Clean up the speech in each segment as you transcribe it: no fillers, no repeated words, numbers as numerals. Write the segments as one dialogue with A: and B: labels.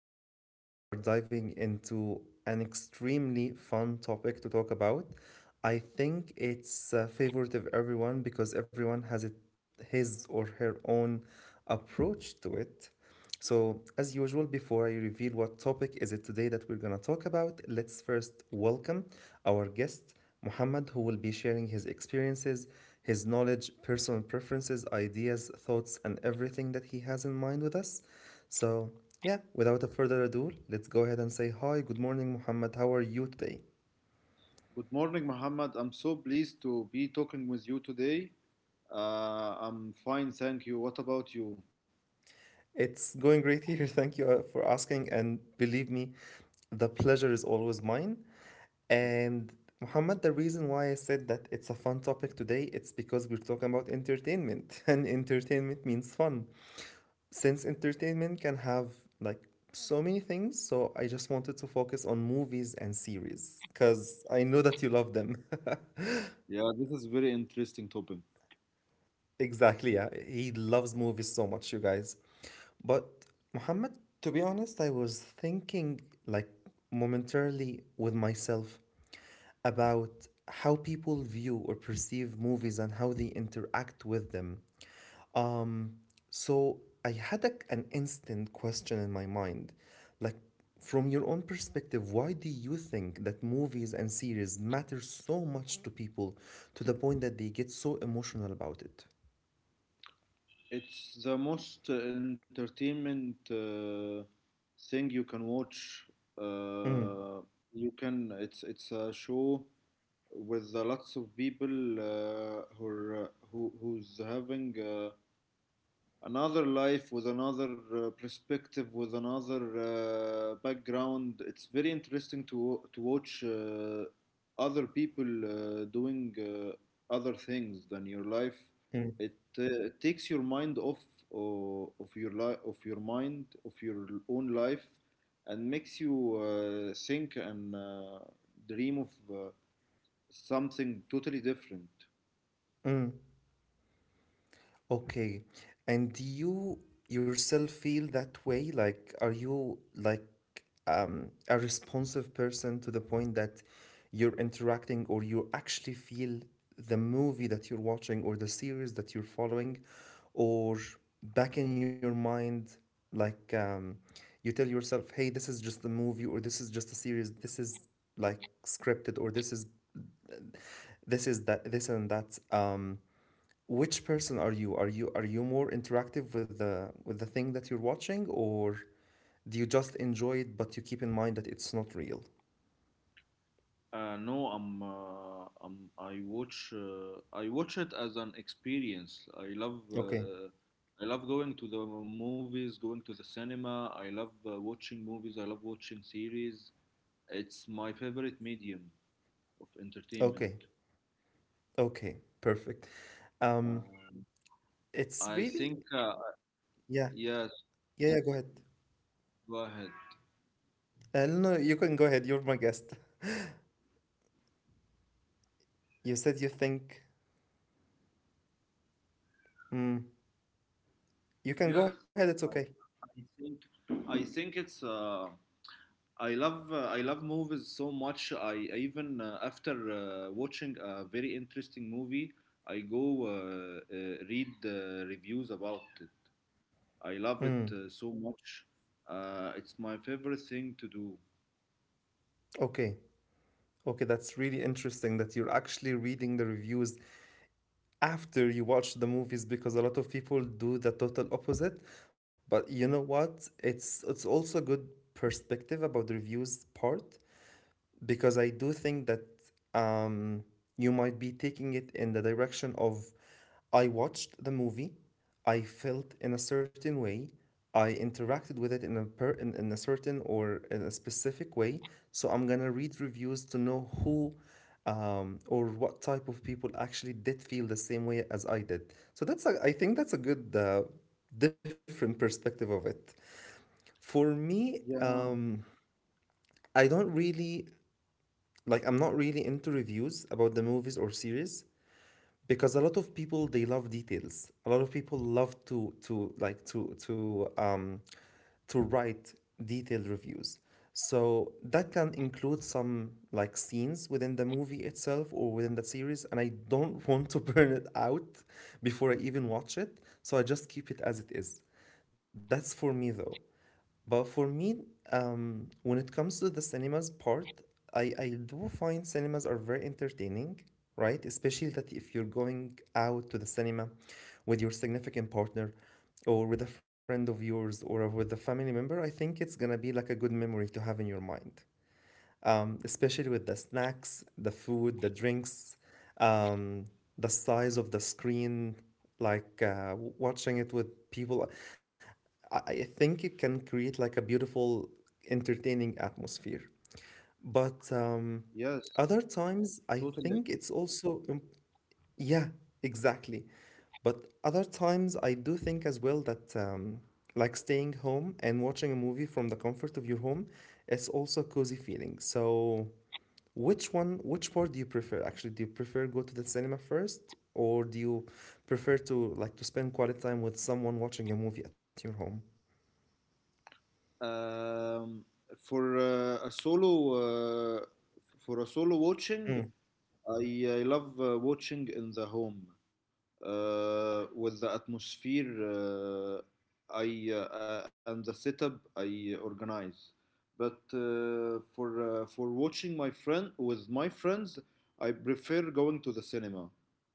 A: and today we are diving into an extremely fun topic to talk about. I think it's a favorite of everyone because everyone has it, his or her own approach to it. So, as usual, before I reveal what topic is it today that we're going to talk about, let's first welcome our guest, Muhammad, who will be sharing his experiences, his knowledge, personal preferences, ideas, thoughts, and everything that he has in mind with us. So, yeah, without a further ado, let's go ahead and say hi. Good morning, Muhammad. How are you today?
B: Good morning, Muhammad. I'm so pleased to be talking with you today. I'm fine, thank you. What about you?
A: It's going great here. Thank you for asking. And believe me, the pleasure is always mine. And Muhammad, the reason why I said that it's a fun topic today, it's because we're talking about entertainment, and entertainment means fun. Since entertainment can have like so many things, so I just wanted to focus on movies and series because I know that you love them.
B: Yeah, this is very interesting topic.
A: Exactly, yeah. He loves movies so much, you guys. But Muhammad, to be honest, I was thinking like momentarily with myself about how people view or perceive movies and how they interact with them. Um, so I had an instant question in my mind. Like, from your own perspective, why do you think that movies and series matter so much to people to the point that they get so emotional about
B: It's the most entertainment thing you can watch.
A: it?
B: Uh, you can. It's a show with lots of people, who are, who who's having. Another life with another perspective, with another background. It's very interesting to watch other people doing other things than your life. It takes your mind off of your own life, and makes you think and dream of something totally different.
A: Mm, okay. And do you yourself feel that way? Like, are you like a responsive person to the point that you're interacting or you actually feel the movie that you're watching or the series that you're following? Or back in your mind, like you tell yourself, hey, this is just a movie or this is just a series, this is like scripted or this is that this and that. Which person are you? Are you more interactive with the thing that you're watching, or do you just enjoy it but you keep in mind that it's not real?
B: No, I'm, I'm. I watch. I watch it as an experience.
A: Okay,
B: I love going to the movies, going to the cinema. I love watching movies. I love watching series. It's my favorite medium of
A: okay,
B: entertainment.
A: okay, perfect. Um,
B: Um, I
A: it's
B: think.
A: really yeah,
B: Yes,
A: yeah, yeah. Go ahead.
B: go ahead.
A: No, you can go ahead. You're my guest. You said you think. Mm, you can go
B: Yes,
A: ahead. It's
B: I,
A: okay.
B: I think. I think it's. I love movies so much. I even after watching a very interesting movie, I go read reviews about it. I love it
A: Mm,
B: so much. It's my favorite thing to do.
A: okay. Okay, that's really interesting that you're actually reading the reviews after you watch the movies because a lot of people do the total opposite, but you know what, it's also a good perspective about the reviews part, because I do think that um, you might be taking it in the direction of I watched the movie, I felt in a certain way, I interacted with it in a in a certain or in a specific way, so I'm gonna read reviews to know who or what type of people actually did feel the same way as I did. So that's I think that's a good different perspective of it. For me,
B: Yeah.
A: I don't really like, I'm not really into reviews about the movies or series, because a lot of people they love details, a lot of people love to like to write detailed reviews, so that can include some like scenes within the movie itself or within the series, and I don't want to burn it out before I even watch it, so I just keep it as it is. That's for me though. But for me, when it comes to the cinemas part, I do find cinemas are very entertaining, right? Especially that if you're going out to the cinema with your significant partner or with a friend of yours or with a family member, I think it's gonna be like a good memory to have in your mind, especially with the snacks, the food, the drinks, um, the size of the screen, like watching it with people. I I think it can create like a beautiful, entertaining atmosphere. But
B: Yes.
A: other times, I
B: Totally
A: think it's
B: agree.
A: also, yeah, exactly. But other times, I do think as well that like staying home and watching a movie from the comfort of your home, it's also a cozy feeling. So which part do you prefer? Actually, do you prefer go to the cinema first, or do you prefer to like to spend quality time with someone watching a movie at your home?
B: Um, for uh, a solo uh, for a solo watching,
A: Mm,
B: I love watching in the home, with the atmosphere I and the setup I organize. But for watching my friend with my friends, I prefer going to the cinema,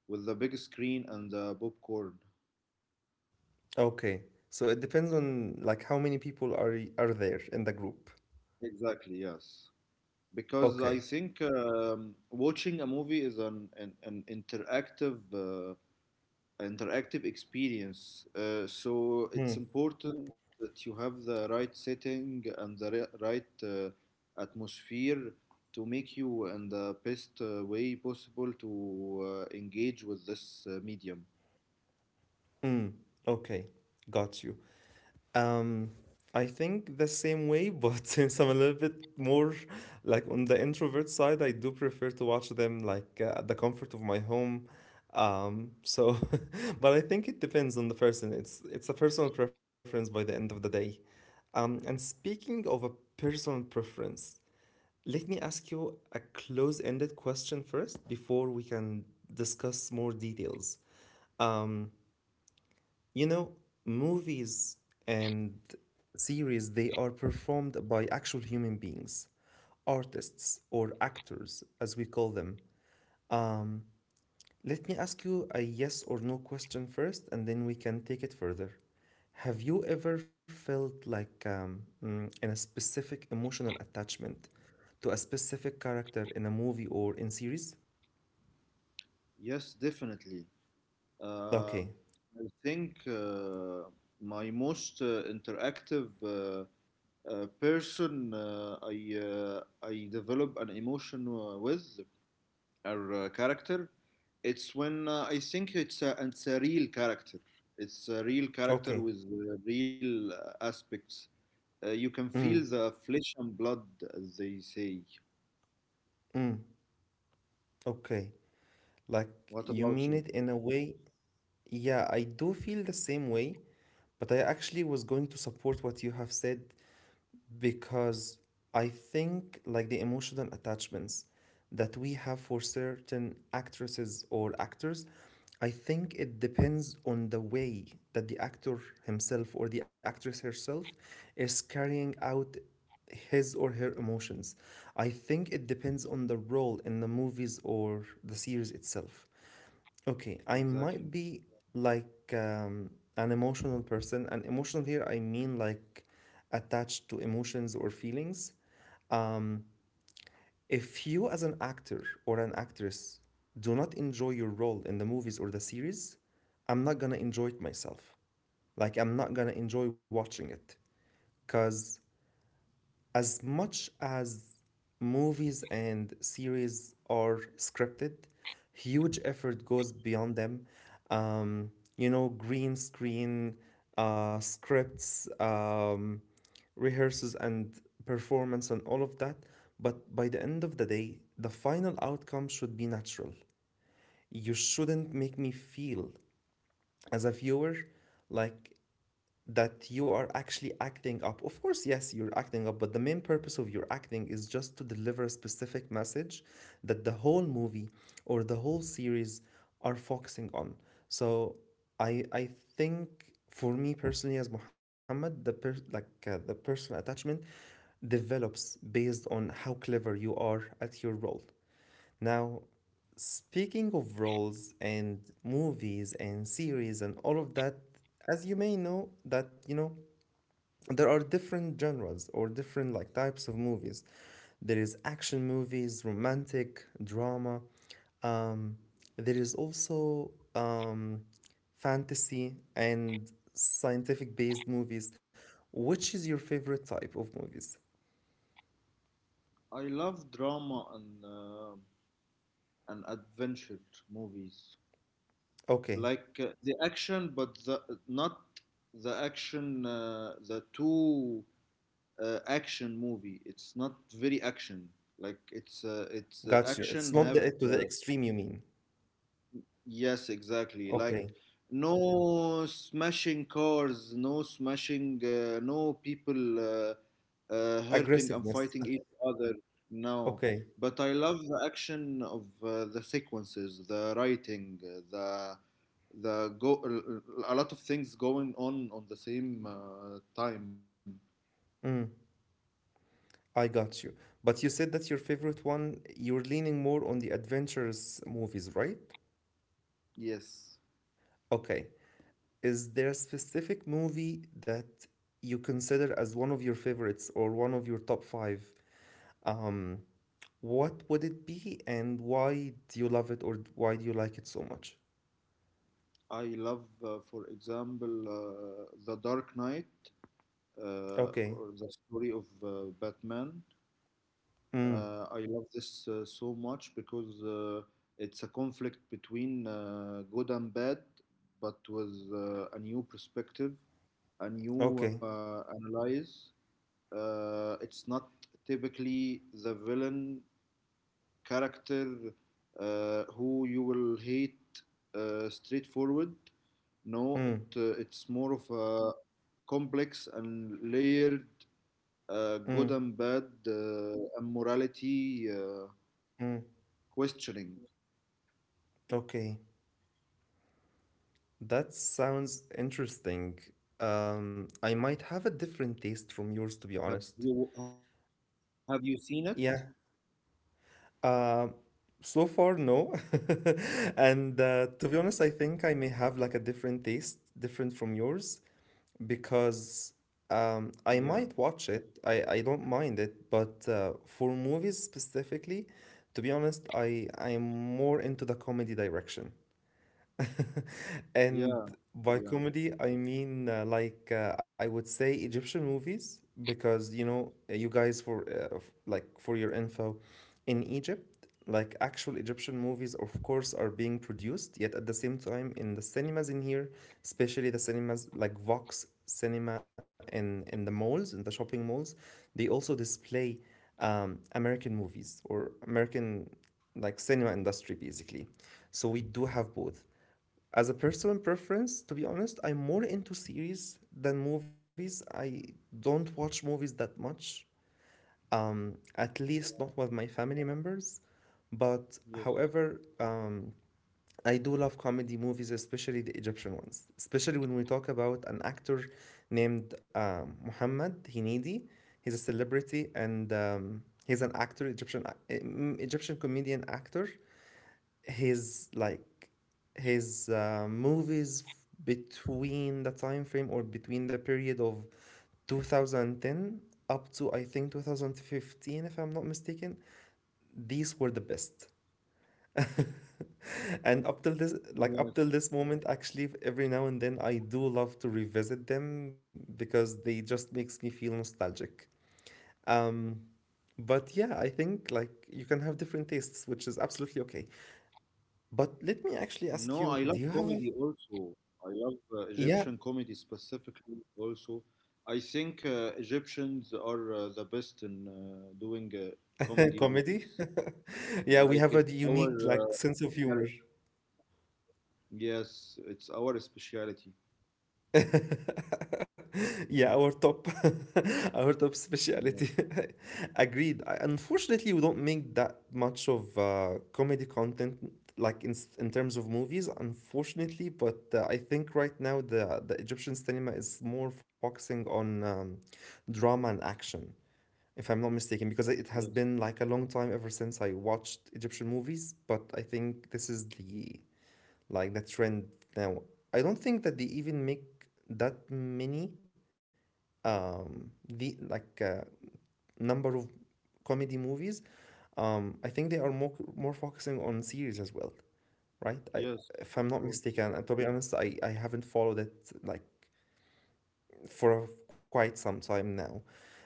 B: with the big screen and the popcorn.
A: okay. So it depends on like how many people are are there in the group.
B: Exactly, yes. Because I
A: Okay.
B: think watching a movie is an interactive interactive experience. So
A: Mm.
B: it's important that you have the right setting and the right atmosphere, to make you in the best way possible to engage with this medium.
A: Mm. Okay. Got you. Um, I think the same way, but since I'm a little bit more like on the introvert side, I do prefer to watch them like at the comfort of my home. So, but I think it depends on the person. It's a personal preference by the end of the day. And speaking of a personal preference, let me ask you a close-ended question first before we can discuss more details. Um, you know, movies and series, they are performed by actual human beings, artists or actors, as we call them. Let me ask you a yes or no question first, and then we can take it further. Have you ever felt like in a specific emotional attachment to a specific character in a movie or in series?
B: Yes, definitely. Um
A: Okay,
B: I think My most interactive person uh, I develop an emotion with her character. It's when I think it's it's a real character. It's a real character
A: okay,
B: with real aspects. You can
A: mm,
B: feel the flesh and blood, as they say.
A: mm, okay. Like you
B: What
A: mean
B: about
A: it
B: you?
A: in a way. Yeah, I do feel the same way, but I actually was going to support what you have said, because I think like the emotional attachments that we have for certain actresses or actors, I think it depends on the way that the actor himself or the actress herself is carrying out his or her emotions. I think it depends on the role in the movies or the series itself. Okay, I might
B: Exactly.
A: be like an emotional person, and emotional here I mean like attached to emotions or feelings. If you, as an actor or an actress, do not enjoy your role in the movies or the series, I'm not gonna enjoy it myself. Like, I'm not gonna enjoy watching it, because as much as movies and series are scripted, huge effort goes beyond them. Um, you know, green screen, scripts, rehearsals, and performance, and all of that. But by the end of the day, the final outcome should be natural. You shouldn't make me feel, as a viewer, like that you are actually acting up. Of course, yes, you're acting up, but the main purpose of your acting is just to deliver a specific message that the whole movie or the whole series are focusing on. So I think for me personally as Muhammad, the the personal attachment develops based on how clever you are at your role. Now, speaking of roles and movies and series and all of that, as you may know, that you know, there are different genres or different like types of movies. There is action movies, romantic, drama. Um, there is also fantasy and scientific based movies. Which is your favorite type of movies?
B: I love drama and adventure movies,
A: Okay,
B: like the action, but the not the action. The too action movie. It's not very action. Like it's
A: got you.
B: action
A: It's not
B: have
A: the, to the extreme you mean.
B: Yes, exactly, like
A: Okay.
B: no smashing cars, no smashing, no people hurting and
A: Aggressiveness.
B: fighting each other. No,
A: Okay.
B: but I love the action of the sequences, the writing, the go a lot of things going on the same time.
A: Mm, I got you. But you said that your favorite one, you're leaning more on the adventurous movies, right?
B: Yes.
A: Okay. Is there a specific movie that you consider as one of your favorites or one of your top five? Um, what would it be and why do you love it or why do you like it so much?
B: I love, for example, The Dark Knight,
A: Okay.
B: or the story of Batman.
A: Mm,
B: I love this so much because it's a conflict between good and bad, but with a new perspective, a new
A: okay.
B: analyze. It's not typically the villain character, who you will hate straightforward. No,
A: Mm,
B: it's more of a complex and layered good
A: mm,
B: and bad, and morality
A: mm.
B: questioning.
A: Okay. That sounds interesting. I might have a different
B: Have
A: taste
B: you
A: from
B: have
A: yours,
B: you
A: to be
B: seen it?
A: honest. Yeah. Uh, so far, no. And to be honest, I think I may have like a different taste, different from yours, because
B: Yeah,
A: I might watch it. I don't mind it, but for movies specifically, to be honest, I am more into the comedy direction. And
B: yeah,
A: by
B: yeah.
A: comedy, I mean I would say Egyptian movies, because you know you guys for for your info, in Egypt, like actual Egyptian movies, of course, are being produced. Yet at the same time, in the cinemas in here, especially the cinemas like Vox Cinema in the malls, in the shopping malls, they also display American movies or American like cinema industry basically. So we do have both. As a personal preference, to be honest, I'm more into series than movies. I don't watch movies that much, at least not with my family members. But
B: Yes,
A: however, I do love comedy movies, especially the Egyptian ones. Especially when we talk about an actor named Mohammed Hinidi. He's a celebrity and he's an actor, Egyptian, Egyptian comedian actor his like his movies between the time frame or between the period of 2010 up to I think 2015 if I'm not mistaken, these were the best. And up till this like up
B: yes.
A: till this moment, actually, every now and then I do love to revisit them because they just makes me feel nostalgic. um but yeah, I think like you can have different tastes, which is absolutely okay. But let me actually ask
B: No,
A: you,
B: I
A: do
B: love
A: you have a
B: comedy also. I love
A: yeah.
B: Egyptian comedy specifically also. I think Egyptians are the best in doing comedy
A: Comedy?
B: movies.
A: Yeah, we
B: Like
A: have a
B: it's our
A: unique
B: uh,
A: like sense of
B: specialty.
A: humor.
B: Yes, it's our specialty.
A: Yeah, our top, our top
B: Yes,
A: speciality. Agreed. Unfortunately, we don't make that much of comedy content like in terms of movies, unfortunately. But I think right now the Egyptian cinema is more focusing on um, drama and action, if I'm not mistaken, because it has been
B: yes,
A: like a long time ever since I watched Egyptian movies. But I think this is the trend now. I don't think that they even make that many the like number of comedy movies. I think they are more focusing on series as well, right? I, if I'm not
B: yes, of
A: mistaken, and to be
B: course.
A: honest, I haven't followed it like for quite some time now.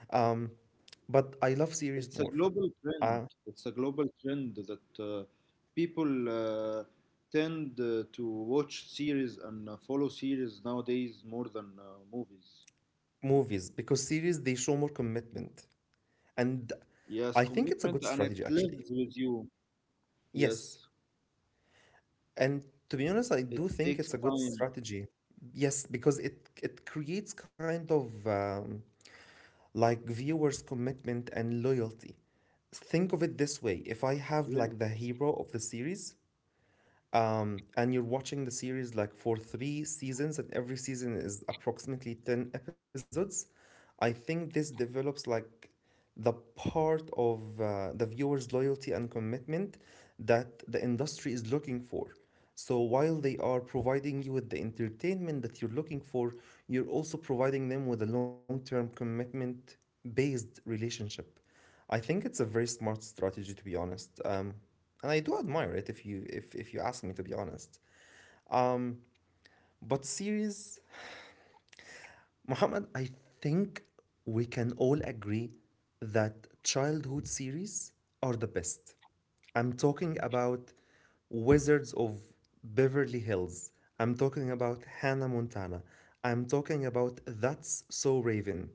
A: Um, but I love series
B: It's a
A: more.
B: global trend.
A: Uh,
B: It's a global trend that people tend to watch series and follow series nowadays, more than movies.
A: Movies, because series they show more commitment, and
B: Yes,
A: I think it's a
B: commitment,
A: good
B: and it
A: strategy actually.
B: lives with you.
A: Yes.
B: Yes,
A: And to be honest, I do
B: it
A: think it's a
B: takes
A: good
B: time.
A: strategy. Yes, because it creates kind of like viewers' commitment and loyalty. Think of it this way: if I have
B: Yes,
A: like the hero of the series, and you're watching the series like for 3 seasons, and every season is approximately 10 episodes, I think this develops like the part of the viewer's loyalty and commitment that the industry is looking for. So while they are providing you with the entertainment that you're looking for, you're also providing them with a long term commitment based relationship. I think it's a very smart strategy, to be honest. And I do admire it if you if you ask me, to be honest. But series, Mohammed, I think we can all agree that childhood series are the best. I'm talking about Wizards of Beverly Hills. I'm talking about Hannah Montana. I'm talking about That's So Raven.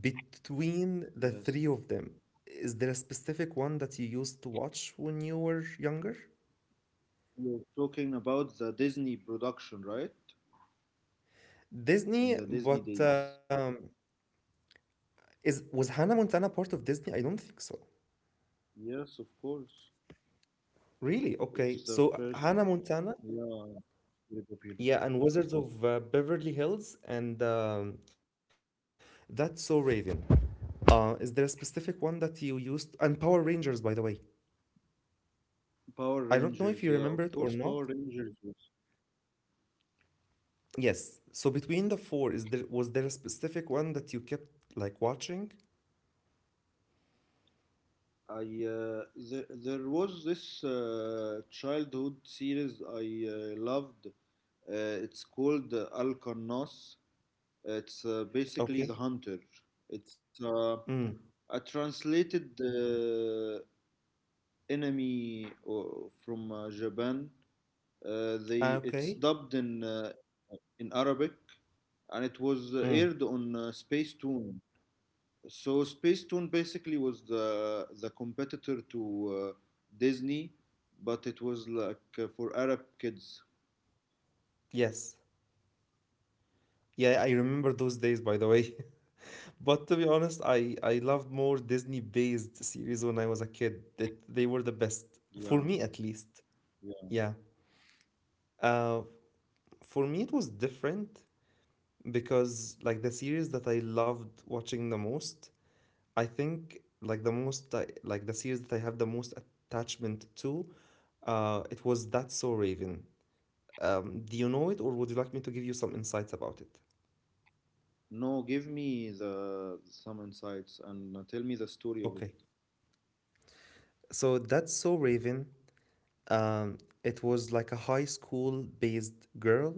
A: Between the
B: yes.
A: three of them, is there a specific one that you used to watch when you were younger?
B: You're talking about the Disney production, right? In
A: Disney,
B: the Disney
A: but
B: days.
A: is was Hannah Montana part of Disney? I don't think so.
B: Yes, of course.
A: Really? Okay.
B: It's
A: So
B: the
A: Hannah
B: first,
A: Montana.
B: yeah, very
A: Yeah,
B: popular.
A: and Wizards of Beverly Hills and that's so Raven. Is there a specific one that you used? And Power Rangers, by the way. I
B: Power
A: don't know if you
B: Rangers, yeah,
A: remember it
B: of
A: or
B: course,
A: not.
B: Power Rangers was.
A: Yes. So between the four, is there was there a specific one that you kept like watching?
B: I uh, there was this childhood series I loved. It's called Alcanos. It's basically The
A: Okay.
B: Hunter. It's
A: Mm.
B: a translated enemy from Japan. They
A: Ah,
B: It's
A: okay.
B: dubbed in Arabic, and it was
A: Mm.
B: aired on Space Toon. So Space Toon basically was the competitor to Disney, but it was like for Arab kids.
A: Yes. Yeah, I remember those days, by the way. But to be honest, I loved more Disney-based series when I was a kid. That they were the best for
B: Yeah,
A: me, at least.
B: yeah.
A: Yeah. Uh, for me, it was different because like the series that I loved watching the most, I think like the series that I have the most attachment to, it was That's So Raven. Do you know it, or would you like me to give you some insights about it?
B: No, give me the some insights and tell me the story of it.
A: Okay. So that's so Raven. Um, it was like a high school based girl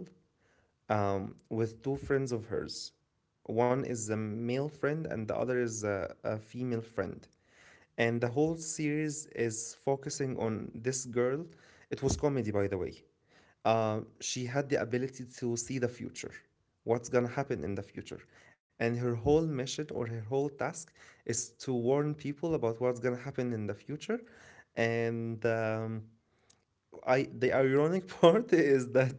A: with two friends of hers. One is a male friend and the other is a female friend, and the whole series is focusing on this girl. It was comedy, by the way. She had the ability to see the future, what's gonna happen in the future, and her whole mission or her whole task is to warn people about what's gonna happen in the future, and I the ironic part is that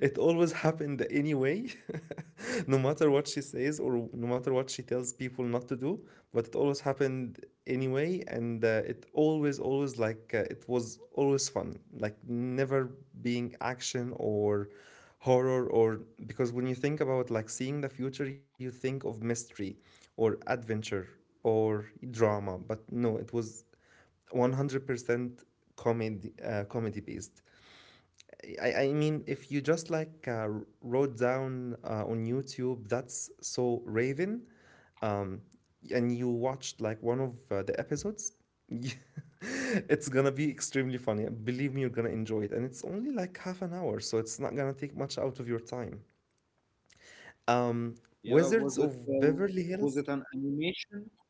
A: it always happened anyway, no matter what she says or no matter what she tells people not to do, but it always happened anyway, and it always it was always fun, like never being action or horror or because when you think about like seeing the future, you think of mystery or adventure or drama, but no, it was 100% comedy comedy based. I mean, if you just wrote down on YouTube, that's so Raven, um, and you watched like one of the episodes, it's gonna be extremely funny. Believe me, you're gonna enjoy it. And it's only like half an hour, so it's not gonna take much out of your time. Um, Wizards
B: Yeah,
A: of Beverly Hills?
B: was it an animation?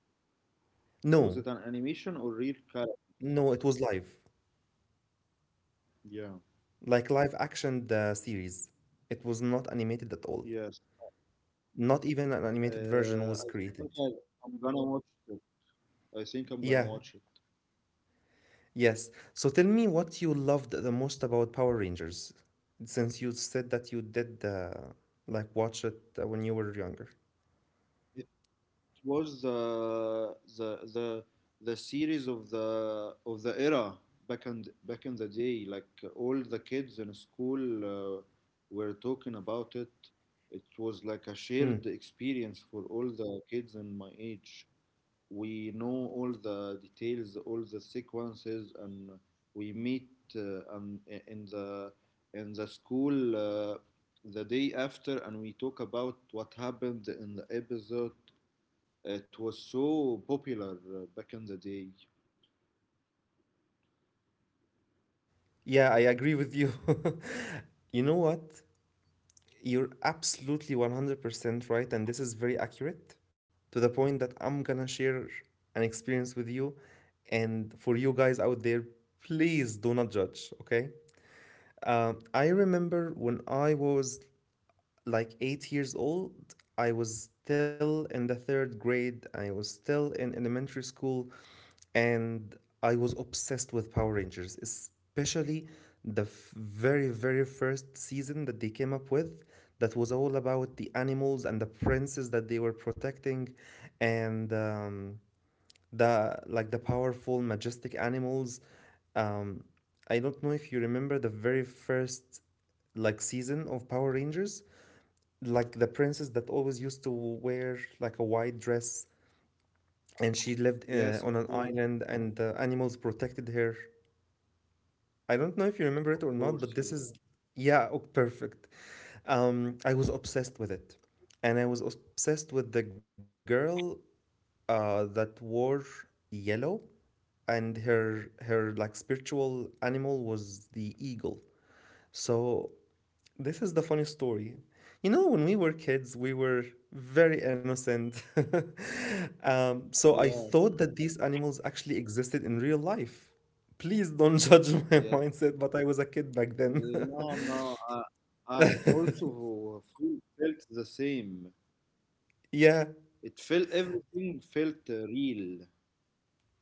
A: No,
B: Was it an animation or real character?
A: No, it was live,
B: Yeah.
A: like live action the series. It was not animated at all.
B: Yes.
A: Not even an animated version was created.
B: I think I'm gonna watch it. I think
A: Yeah.
B: I'm gonna watch it.
A: Yes. So tell me what you loved the most about Power Rangers, since you said that you did like watch it when you were younger.
B: It was the series of the era, back in the day. Like all the kids in school were talking about it. It was like a
A: Mm.
B: shared experience for all the kids in my age. We know all the details, all the sequences, and we meet and in the school the day after, and we talk about what happened in the episode. It was so popular back in the day.
A: Yeah, I agree with you. You know what? You're absolutely 100% right, and this is very accurate to the point that I'm gonna share an experience with you. And for you guys out there, please do not judge, okay? I remember when I was like 8 years old. I was still in the third grade. I was still in elementary school, and I was obsessed with Power Rangers, especially very, very first season that they came up with. That was all about the animals and the princes that they were protecting, and the powerful, majestic animals. Um, I don't know if you remember the very first like season of Power Rangers, like the princess that always used to wear like a white dress and she lived
B: Yes,
A: on an island and the animals protected her. I don't know if you remember
B: of
A: it or not, but
B: course, yes,
A: this is yeah. Oh, perfect. I was obsessed with it and I was obsessed with the girl that wore yellow, and her like spiritual animal was the eagle. So this is the funny story. You know, when we were kids, we were very innocent. So I
B: yeah,
A: thought that these animals actually existed in real life. Please don't judge my
B: yes.
A: mindset, but I was a kid back then.
B: No, no, I also felt the same.
A: Yeah,
B: It felt everything felt real.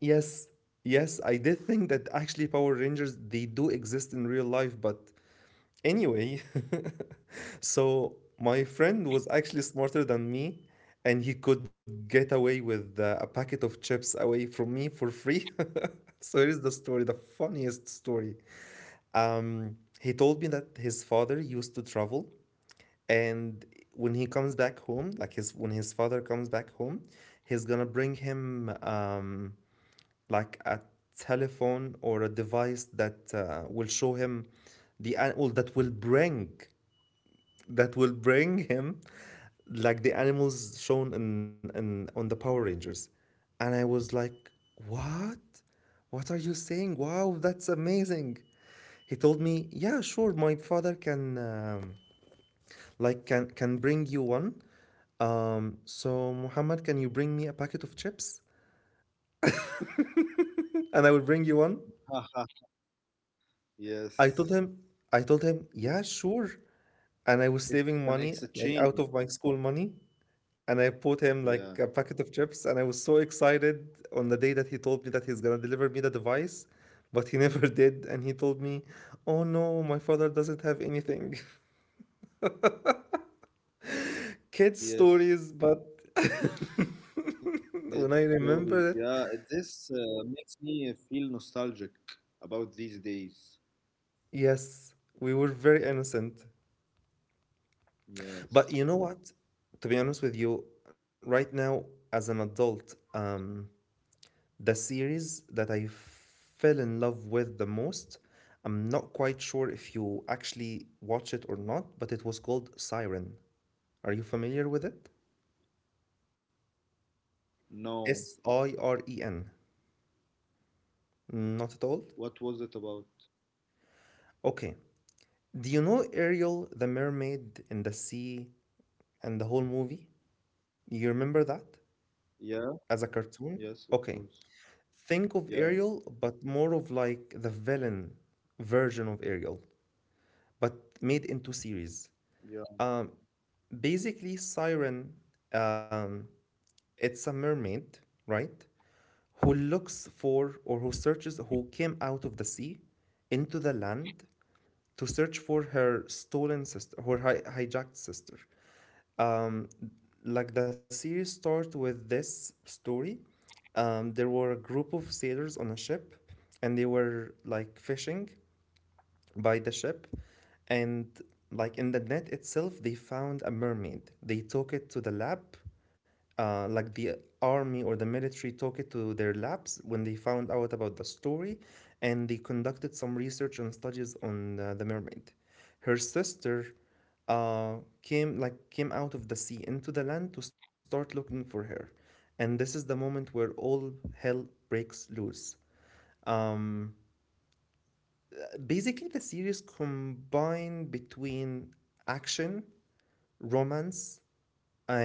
A: yes, yes, I did think that actually Power Rangers, they do exist in real life, but anyway, so my friend was actually smarter than me, and he could get away with a packet of chips away from me for free. So here's the story, the funniest story. He told me that his father used to travel, and when he comes back home, like his when his father comes back home, he's gonna bring him like a telephone or a device that will show him well, that will bring him like the animals shown in on the Power Rangers. And I was like, what? What are you saying? Wow, that's amazing. He told me, yeah, sure, my father can can bring you one. So Muhammad, can you bring me a packet of chips? And I will bring you one. I
B: Yes.
A: told him I told him, yeah, sure. And I was
B: It's an
A: saving money like
B: exchange.
A: out of my school money, and I bought him
B: Yeah.
A: like a packet of chips, and I was so excited on the day that he told me that he's gonna deliver me the device, but he never did, and he told me, oh no, my father doesn't have anything. Kids
B: Yes.
A: stories, but
B: Kid
A: when
B: stories.
A: I
B: Yeah.
A: remember it,
B: This makes me feel nostalgic about these days.
A: yes, we were very innocent.
B: Yes.
A: But you know what, to be honest with you, right now, as an adult, the series that I fell in love with the most, I'm not quite sure if you actually watch it or not, but it was called Siren. Are you familiar with it?
B: No.
A: Siren.
B: What was
A: Not
B: it
A: at all?
B: about?
A: Okay. Do you know Ariel, the mermaid in the sea, and the whole movie? You remember that
B: Yeah.
A: as a
B: Yes, of
A: cartoon?
B: course.
A: Okay.
B: Yeah.
A: Think of Ariel, but more of like the villain version of Ariel, but made into series.
B: Yeah.
A: Um, Basically, Siren, um, it's a mermaid, right? Who looks for or who searches, who came out of the sea into the land to search for her stolen sister, her hijacked sister. Um, like the series starts with this story. There were a group of sailors on a ship, and they were like fishing by the ship, and like in the net itself, they found a mermaid. They took it to the lab, like the army or the military took it to their labs when they found out about the story, and they conducted some research and studies on the mermaid. Her sister uh, came out of the sea into the land to start looking for her, and this is the moment where all hell breaks loose. um, Basically, the series combined between action, romance,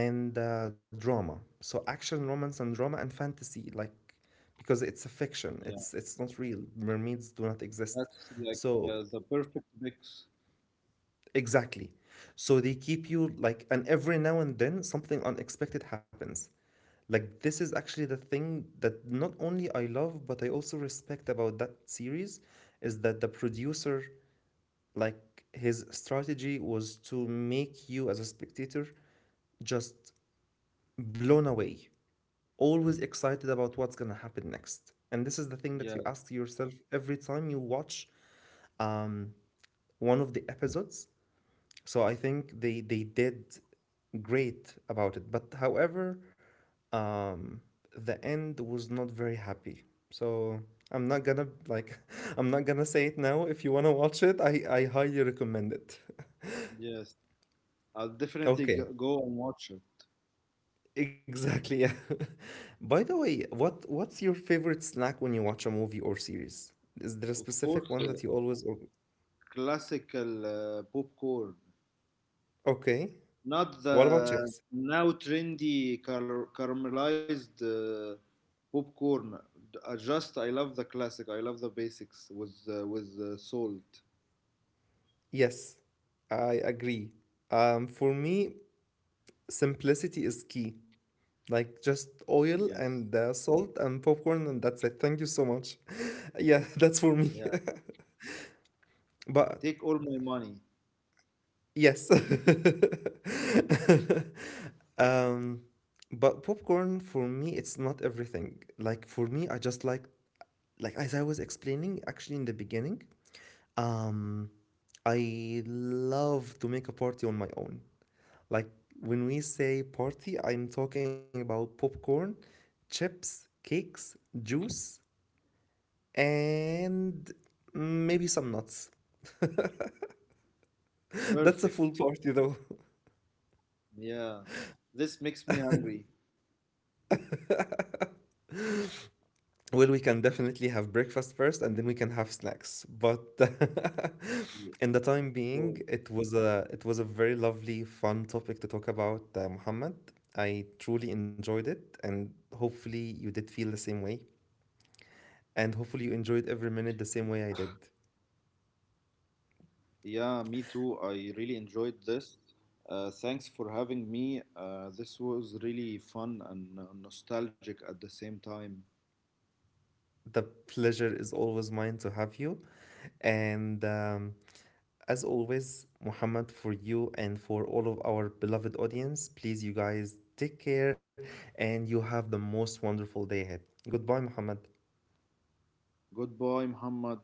A: and drama. So action, romance, and drama and fantasy, like because it's a fiction.
B: Yeah.
A: It's not real. Mermaids do not exist.
B: That's like
A: So
B: the perfect mix.
A: exactly. So they keep you like, and every now and then something unexpected happens. Like this is actually the thing that not only I love, but I also respect about that series, is that the producer, like his strategy was to make you as a spectator just blown away, always excited about what's gonna happen next. And this is the thing that you
B: Yes.
A: ask yourself every time you watch um, one of the episodes. So I think they did great about it. But however, um, the end was not very happy. So I'm not gonna like I'm not gonna say it now. If you wanna watch it, I highly recommend it.
B: Yes. I'll definitely
A: Okay.
B: go and watch it.
A: Exactly. Yeah. By the way, what's your favorite snack when you watch a movie or series? Is there a
B: Of course,
A: specific one that you always o-
B: classical popcorn.
A: okay.
B: Not
A: What about
B: the
A: chips?
B: now trendy caramelized popcorn. Just I love the classic. I love the basics with salt.
A: Yes, I agree. For me, simplicity is key. Like just
B: Yes.
A: oil and salt and popcorn, and that's it. Thank you so much. Yeah, that's for
B: Yeah.
A: me. But
B: Take all my money.
A: yes. Um, but popcorn for me, it's not everything. Like for me, I just like as I was explaining actually in the beginning, um, I love to make a party on my own. Like when we say party, I'm talking about popcorn, chips, cakes, juice, and maybe some nuts. That's a
B: Perfect.
A: full party though.
B: Yeah. This makes me hungry.
A: Well, we can definitely have breakfast first and then we can have snacks. But
B: Yeah,
A: in the time being,
B: cool.
A: it was a very lovely, fun topic to talk about, Muhammad. I truly enjoyed it, and hopefully you did feel the same way, and hopefully you enjoyed every minute the same way I did.
B: Yeah, me too. I really enjoyed this. Thanks for having me. This was really fun and nostalgic at the same time.
A: The pleasure is always mine to have you, and as always, Muhammad, for you and for all of our beloved audience, please, you guys, take care, and you have the most wonderful day ahead. Goodbye, Muhammad.
B: Goodbye, Muhammad.